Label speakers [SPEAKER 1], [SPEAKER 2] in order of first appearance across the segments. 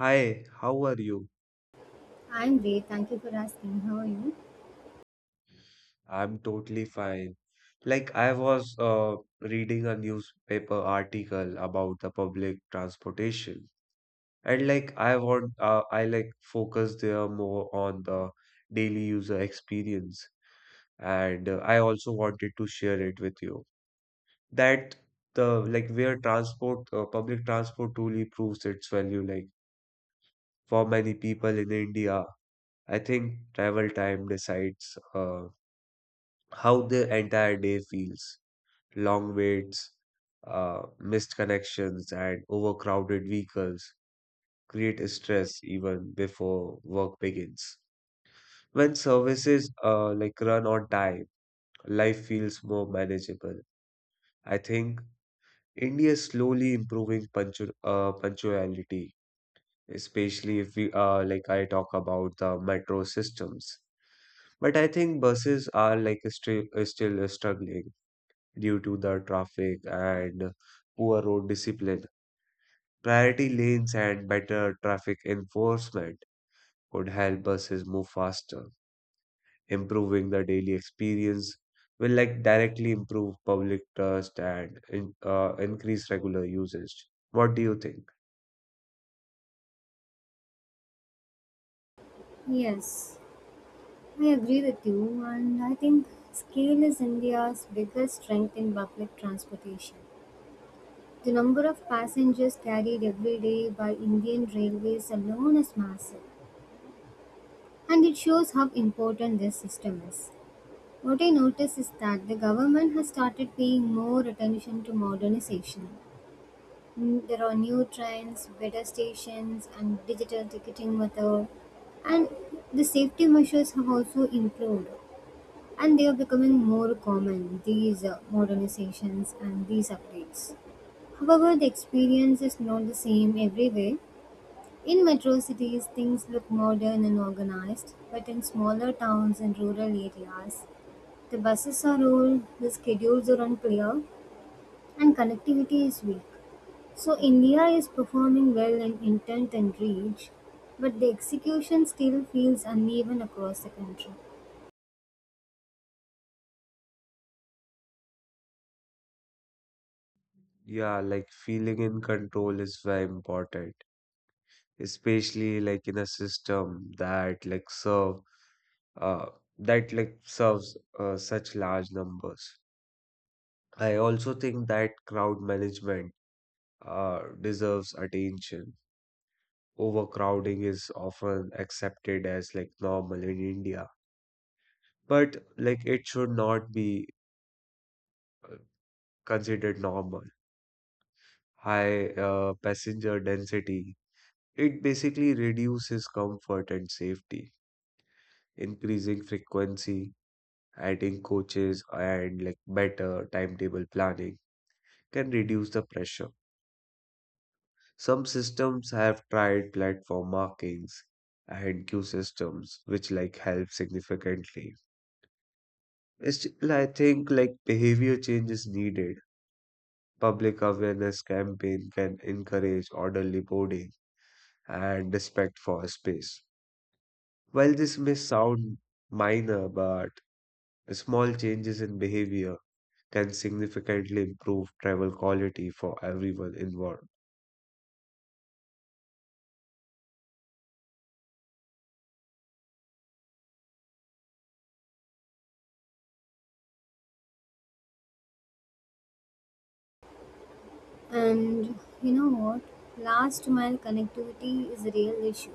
[SPEAKER 1] Hi, how are you?
[SPEAKER 2] I'm great. Thank you for asking. How are you?
[SPEAKER 1] I'm totally fine. Like, I was reading a newspaper article about the public transportation, and like, I like focus there more on the daily user experience, and I also wanted to share it with you that the like where public transport truly proves its value. Like, for many people in India, I think travel time decides. How their entire day feels. Long waits, missed connections, and overcrowded vehicles create stress even before work begins. When services like run on time, life feels more manageable. I think India is slowly improving punctuality, especially if we like I talk about the metro systems. But I think buses are like still struggling due to the traffic and poor road discipline. Priority lanes and better traffic enforcement could help buses move faster. Improving the daily experience will like directly improve public trust and increase regular usage. What do you think?
[SPEAKER 2] Yes, I agree with you. And I think scale is India's biggest strength in public transportation. The number of passengers carried every day by Indian railways alone is massive. And it shows how important this system is. What I notice is that the government has started paying more attention to modernization. Mm. There are new trains, better stations, and digital ticketing method. And the safety measures have also improved, and they are becoming more common. These modernizations and these updates. However, the experience is not the same everywhere. In metro cities, things look modern and organized, but in smaller towns and rural areas, the buses are old, the schedules are unclear, and connectivity is weak. So India is performing well in intent and reach, but the execution still feels uneven across the country.
[SPEAKER 1] Yeah, like feeling in control is very important, especially like in a system uh, that like serves such large numbers. I also think that crowd management deserves attention. Overcrowding is often accepted as like normal in India, but like it should not be uh, considered normal. High passenger density, it basically reduces comfort and safety. Increasing frequency, adding coaches, and like better timetable planning can reduce the pressure. Some systems have tried platform markings and queue systems, which like help significantly. Still, I think like behavior change is needed. Public awareness campaign can encourage orderly boarding and respect for space. While this may sound minor, but small changes in behavior can significantly improve travel quality for everyone involved.
[SPEAKER 2] And you know what? Last mile connectivity is a real issue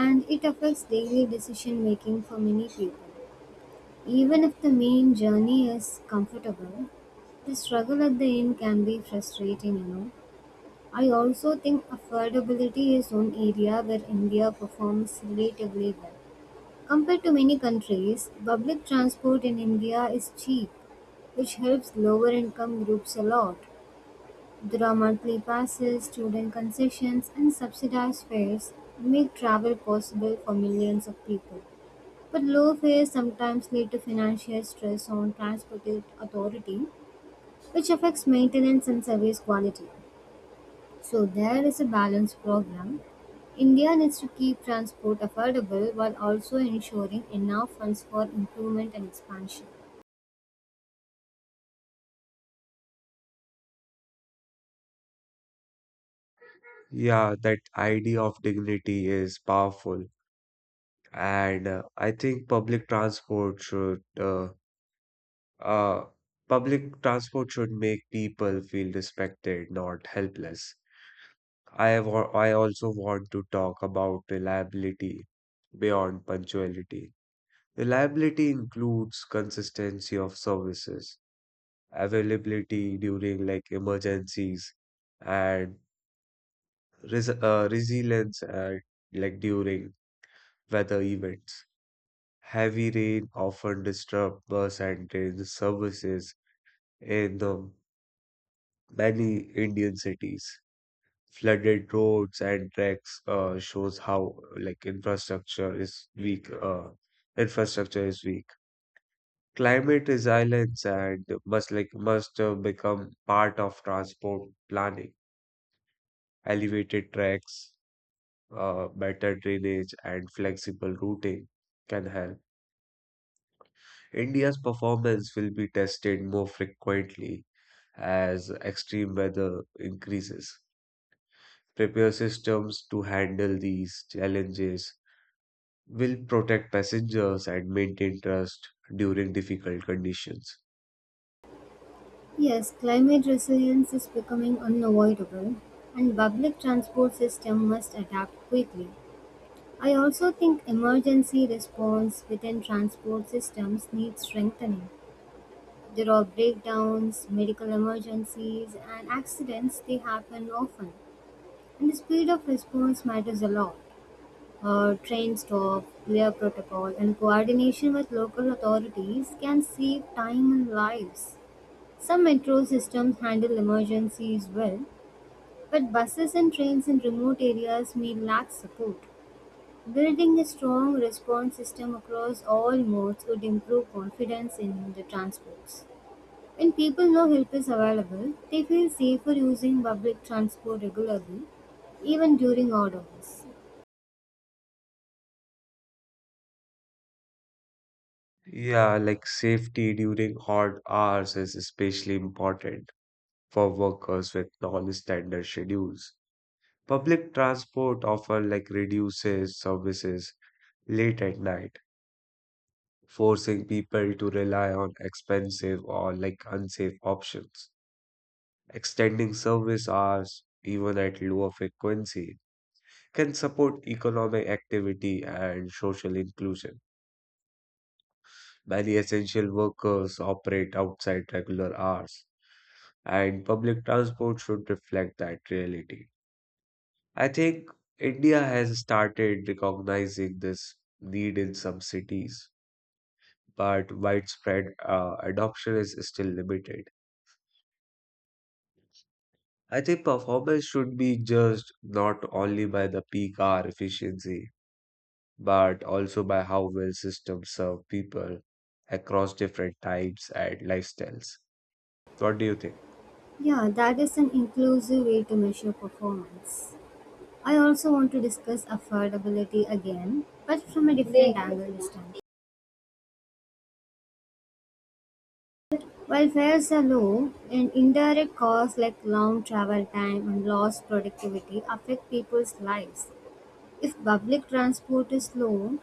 [SPEAKER 2] and it affects daily decision making for many people. Even if the main journey is comfortable, the struggle at the end can be frustrating, you know. I also think affordability is one area where India performs relatively well. Compared to many countries, public transport in India is cheap, which helps lower income groups a lot. There are monthly passes, student concessions, and subsidized fares make travel possible for millions of people. But low fares sometimes lead to financial stress on transport authority, which affects maintenance and service quality. So there is a balanced program. India needs to keep transport affordable while also ensuring enough funds for improvement and expansion.
[SPEAKER 1] Yeah, that idea of dignity is powerful. And I think uh, public transport should make people feel respected, not helpless. I also want to talk about reliability beyond punctuality. Reliability includes consistency of services, availability during like emergencies, and resilience like during weather events. Heavy rain often disrupts bus and train services in the many Indian cities. Flooded roads and tracks shows how like infrastructure is weak. Infrastructure is weak. Climate resilience and must become part of transport planning. Elevated tracks, better drainage, and flexible routing can help. India's performance will be tested more frequently as extreme weather increases. Prepare systems to handle these challenges will protect passengers and maintain trust during difficult conditions.
[SPEAKER 2] Yes, climate resilience is becoming unavoidable and public transport system must adapt quickly. I also think emergency response within transport systems needs strengthening. There are breakdowns, medical emergencies and accidents they happen often and the speed of response matters a lot. Train stop, clear protocol, and coordination with local authorities can save time and lives. Some metro systems handle emergencies well, but buses and trains in remote areas may lack support. Building a strong response system across all modes would improve confidence in the transports. When people know help is available, they feel safer using public transport regularly, even during odd hours.
[SPEAKER 1] Yeah, like safety during hot hours is especially important for workers with non-standard schedules. Public transport often like reduces services late at night, forcing people to rely on expensive or like unsafe options. Extending service hours, even at lower frequency, can support economic activity and social inclusion. Many essential workers operate outside regular hours, and public transport should reflect that reality. I think India has started recognizing this need in some cities, but widespread adoption is still limited. I think performance should be judged not only by the peak hour efficiency but also by how well systems serve people across different types and lifestyles. What do you think?
[SPEAKER 2] Yeah, that is an inclusive way to measure performance. I also want to discuss affordability again, but from a different angle this time. While fares are low, and indirect costs like long travel time and lost productivity affect people's lives. If public transport is low,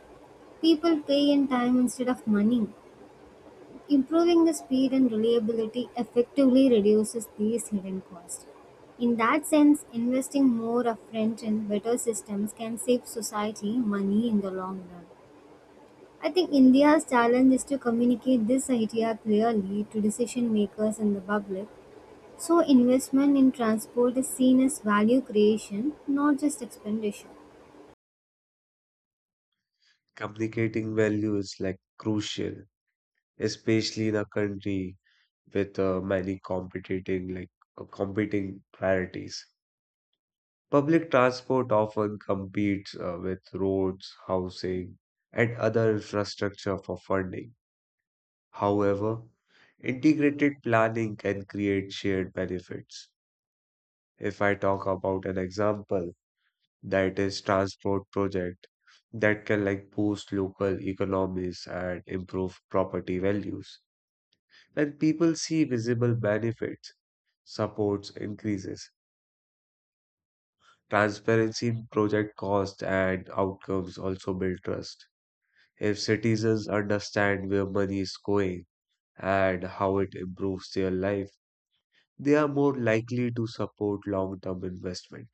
[SPEAKER 2] people pay in time instead of money. Improving the speed and reliability effectively reduces these hidden costs. In that sense, investing more upfront in better systems can save society money in the long run. I think India's challenge is to communicate this idea clearly to decision makers and the public so investment in transport is seen as value creation, not just expenditure.
[SPEAKER 1] Communicating value is like crucial, especially in a country with many competing priorities. Public transport often competes with roads, housing, and other infrastructure for funding. However, integrated planning can create shared benefits. If I talk about an example, that is transport project that can like boost local economies and improve property values. When people see visible benefits, supports increases. Transparency in project costs and outcomes also build trust. If citizens understand where money is going and how it improves their life, they are more likely to support long-term investment.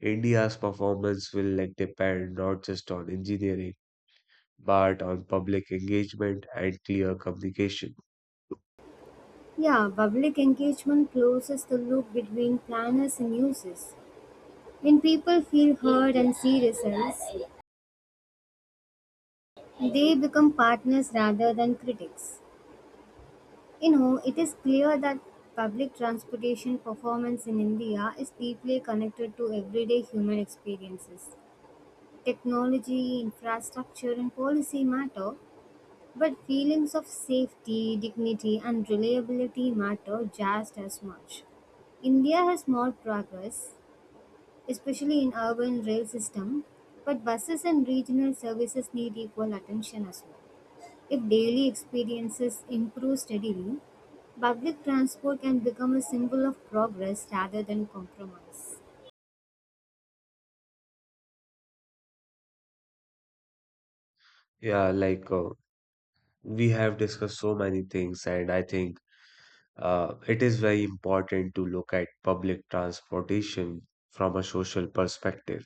[SPEAKER 1] India's performance will like depend not just on engineering but on public engagement and clear communication.
[SPEAKER 2] Yeah, public engagement closes the loop between planners and users. When people feel heard and see results, they become partners rather than critics. You know, it is clear that public transportation performance in India is deeply connected to everyday human experiences. Technology, infrastructure, and policy matter, but feelings of safety, dignity, and reliability matter just as much. India has more progress, especially in urban rail system, but buses and regional services need equal attention as well. If daily experiences improve steadily, public transport can become a symbol of progress rather than compromise.
[SPEAKER 1] Yeah, we have discussed so many things, and I think it is very important to look at public transportation from a social perspective.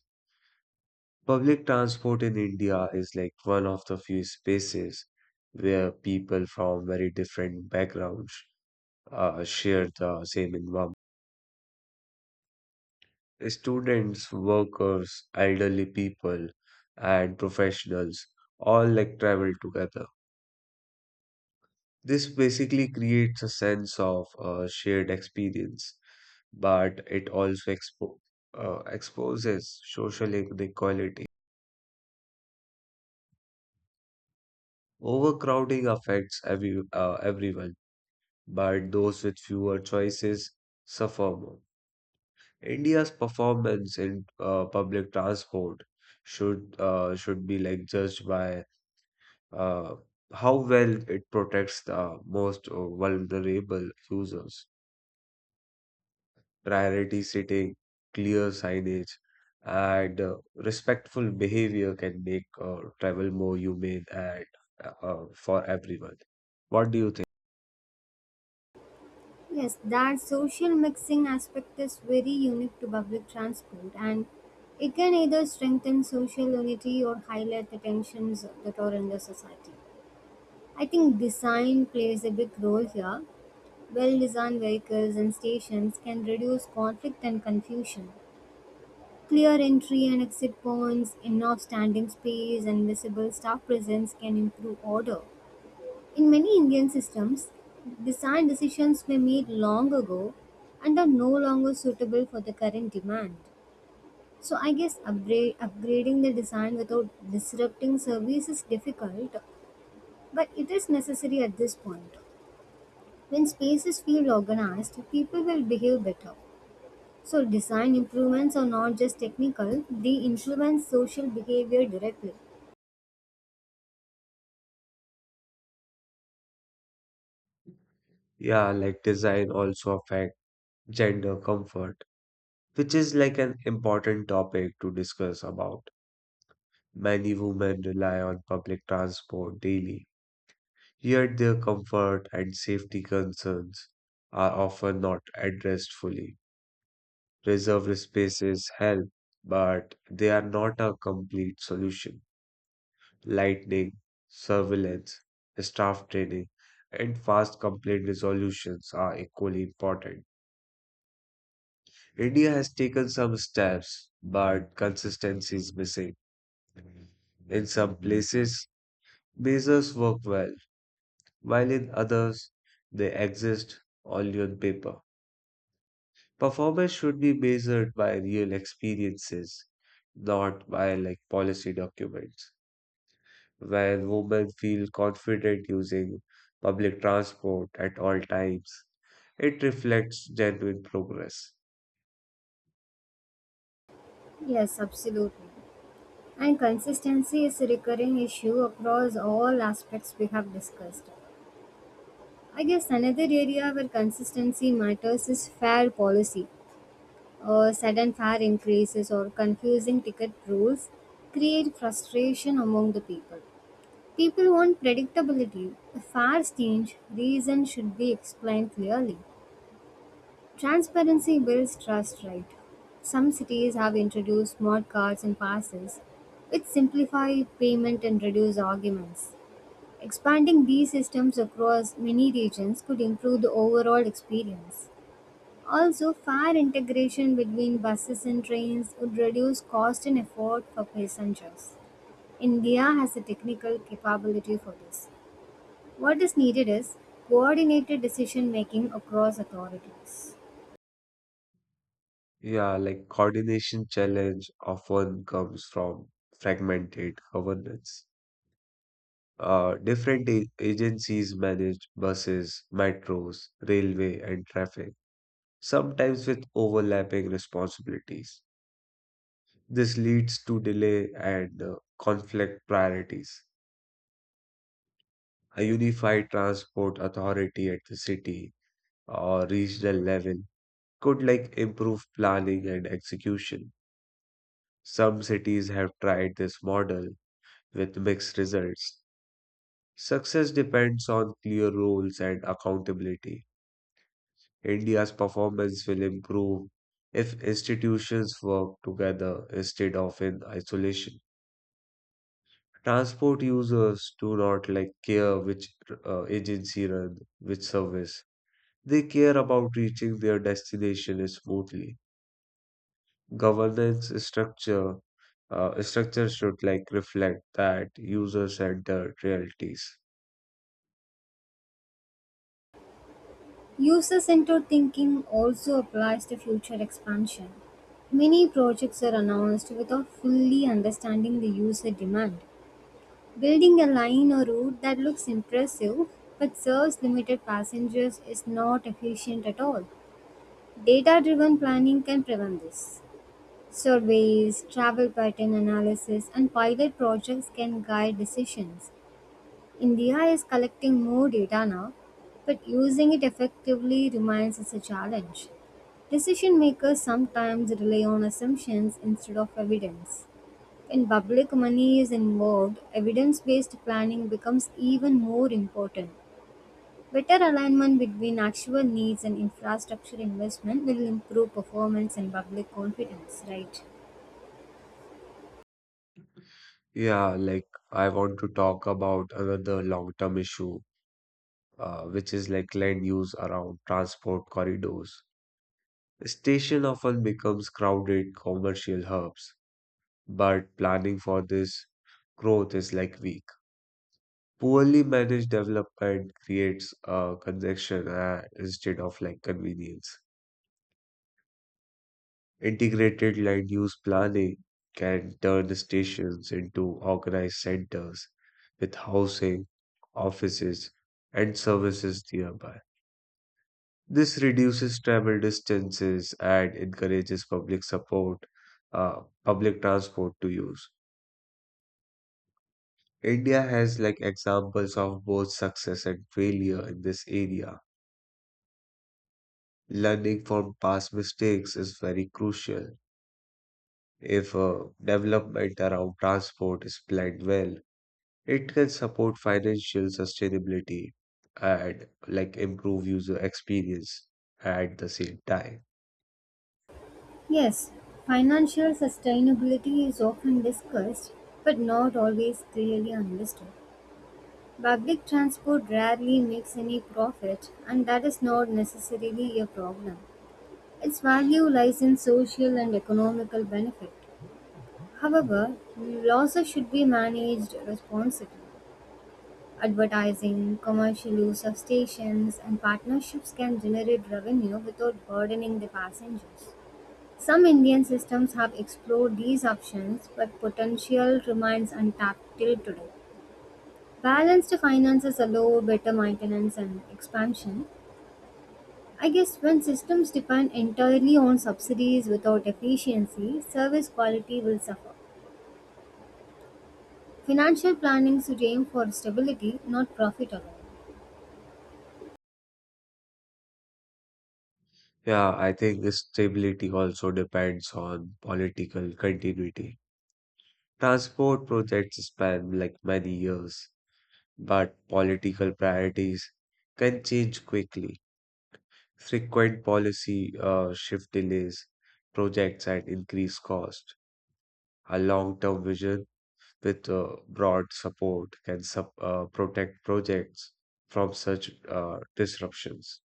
[SPEAKER 1] Public transport in India is like one of the few spaces where people from very different backgrounds share the same environment. Students, workers, elderly people, and professionals all like travel together. This basically creates a sense of shared experience, but it also exposes social inequality. Overcrowding affects every everyone, but those with fewer choices suffer more. India's performance in public transport should should be like judged by uh, how well it protects the most vulnerable users. Priority setting, clear signage, and respectful behavior can make travel more humane and for everyone. What do you think?
[SPEAKER 2] Yes, that social mixing aspect is very unique to public transport and it can either strengthen social unity or highlight the tensions that are in the society. I think design plays a big role here. Well designed vehicles and stations can reduce conflict and confusion. Clear entry and exit points, enough standing space, and visible staff presence can improve order. In many Indian systems, design decisions were made long ago and are no longer suitable for the current demand. So, I guess upgrading the design without disrupting service is difficult, but it is necessary at this point. When spaces feel organized, people will behave better. So design improvements are not just technical, they influence social behavior directly.
[SPEAKER 1] Yeah, like design also affect gender comfort, which is like an important topic to discuss about. Many women rely on public transport daily. Yet their comfort and safety concerns are often not addressed fully. Reserved spaces help, but they are not a complete solution. Lightning, surveillance, staff training, and fast complaint resolutions are equally important. India has taken some steps, but consistency is missing. In some places, measures work well, while in others, they exist only on paper. Performance should be measured by real experiences, not by like policy documents. When women feel confident using public transport at all times, it reflects genuine progress.
[SPEAKER 2] Yes, absolutely. And consistency is a recurring issue across all aspects we have discussed. I guess another area where consistency matters is fair policy. Sudden fare increases or confusing ticket rules create frustration among the people. People want predictability. If fares change, reasons should be explained clearly. Transparency builds trust, right? Some cities have introduced smart cards and passes, which simplify payment and reduce arguments. Expanding these systems across many regions could improve the overall experience. Also, fare integration between buses and trains would reduce cost and effort for passengers. India has the technical capability for this. What is needed is coordinated decision making across authorities.
[SPEAKER 1] Yeah, like coordination challenge often comes from fragmented governance. Different agencies manage buses, metros, railway, and traffic, sometimes with overlapping responsibilities. This leads to delay and conflict priorities. A unified transport authority at the city or regional level could like improve planning and execution. Some cities have tried this model with mixed results. Success depends on clear roles and accountability. India's performance will improve if institutions work together instead of in isolation. Transport users do not like care which agency run which service. They care about reaching their destination smoothly. Governance structure should like reflect that user-centered realities.
[SPEAKER 2] User centered thinking also applies to future expansion. Many projects are announced without fully understanding the user demand. Building a line or route that looks impressive but serves limited passengers is not efficient at all. Data driven planning can prevent this. Surveys, travel pattern analysis, and pilot projects can guide decisions. India is collecting more data now, but using it effectively remains as a challenge. Decision makers sometimes rely on assumptions instead of evidence. When public money is involved, evidence based planning becomes even more important. Better alignment between actual needs and infrastructure investment will improve performance and public confidence, right?
[SPEAKER 1] Yeah, like I want to talk about another long-term issue, which is like land use around transport corridors. Station often becomes crowded commercial hubs but planning for this growth is like weak. Poorly managed development creates congestion instead of like convenience. Integrated land use planning can turn stations into organized centers with housing, offices, and services nearby. This reduces travel distances and encourages public transport to use. India has like examples of both success and failure in this area. Learning from past mistakes is very crucial. If development around transport is planned well, it can support financial sustainability and like improve user experience at the same time.
[SPEAKER 2] Yes, financial sustainability is often discussed but not always clearly understood. Public transport rarely makes any profit, and that is not necessarily a problem. Its value lies in social and economical benefit. However, losses should be managed responsibly. Advertising, commercial use of stations, and partnerships can generate revenue without burdening the passengers. Some Indian systems have explored these options, but potential remains untapped till today. Balanced finances allow better maintenance and expansion. I guess when systems depend entirely on subsidies without efficiency, service quality will suffer. Financial planning should aim for stability, not profit alone.
[SPEAKER 1] Yeah, I think this stability also depends on political continuity. Transport projects span like many years but political priorities can change quickly. Frequent policy shift delays projects at increased cost. A long term vision with broad support can protect projects from such disruptions.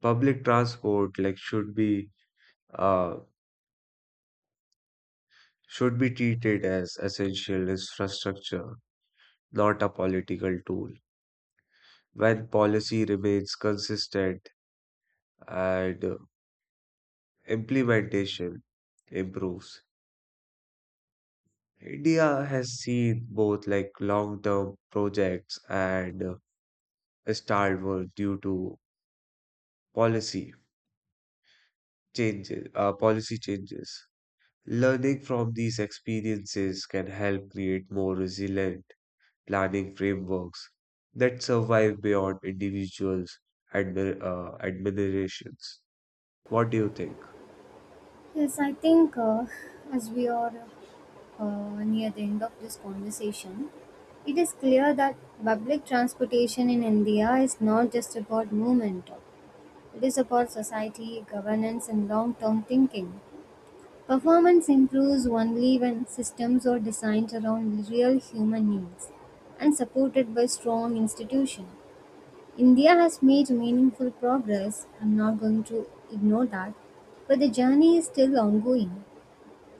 [SPEAKER 1] Public transport like should be uh, should be treated as essential infrastructure, not a political tool. When policy remains consistent, and implementation improves. India has seen both like long-term projects and stalled work due to policy policy changes. Learning from these experiences can help create more resilient planning frameworks that survive beyond individuals' admirations. What do you think?
[SPEAKER 2] Yes, I think as we are near the end of this conversation, it is clear that public transportation in India is not just about movement, it is about society, governance, and long term thinking. Performance improves only when systems are designed around real human needs and supported by strong institutions. India has made meaningful progress, I'm not going to ignore that, but the journey is still ongoing.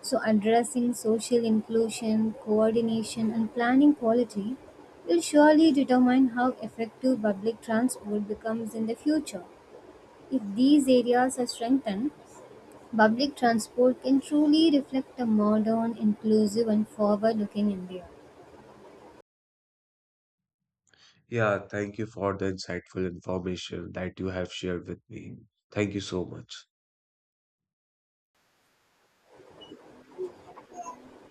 [SPEAKER 2] So, addressing social inclusion, coordination, and planning quality will surely determine how effective public transport becomes in the future. If these areas are strengthened, public transport can truly reflect a modern, inclusive and forward-looking India.
[SPEAKER 1] Yeah, thank you for the insightful information that you have shared with me. Thank you so much.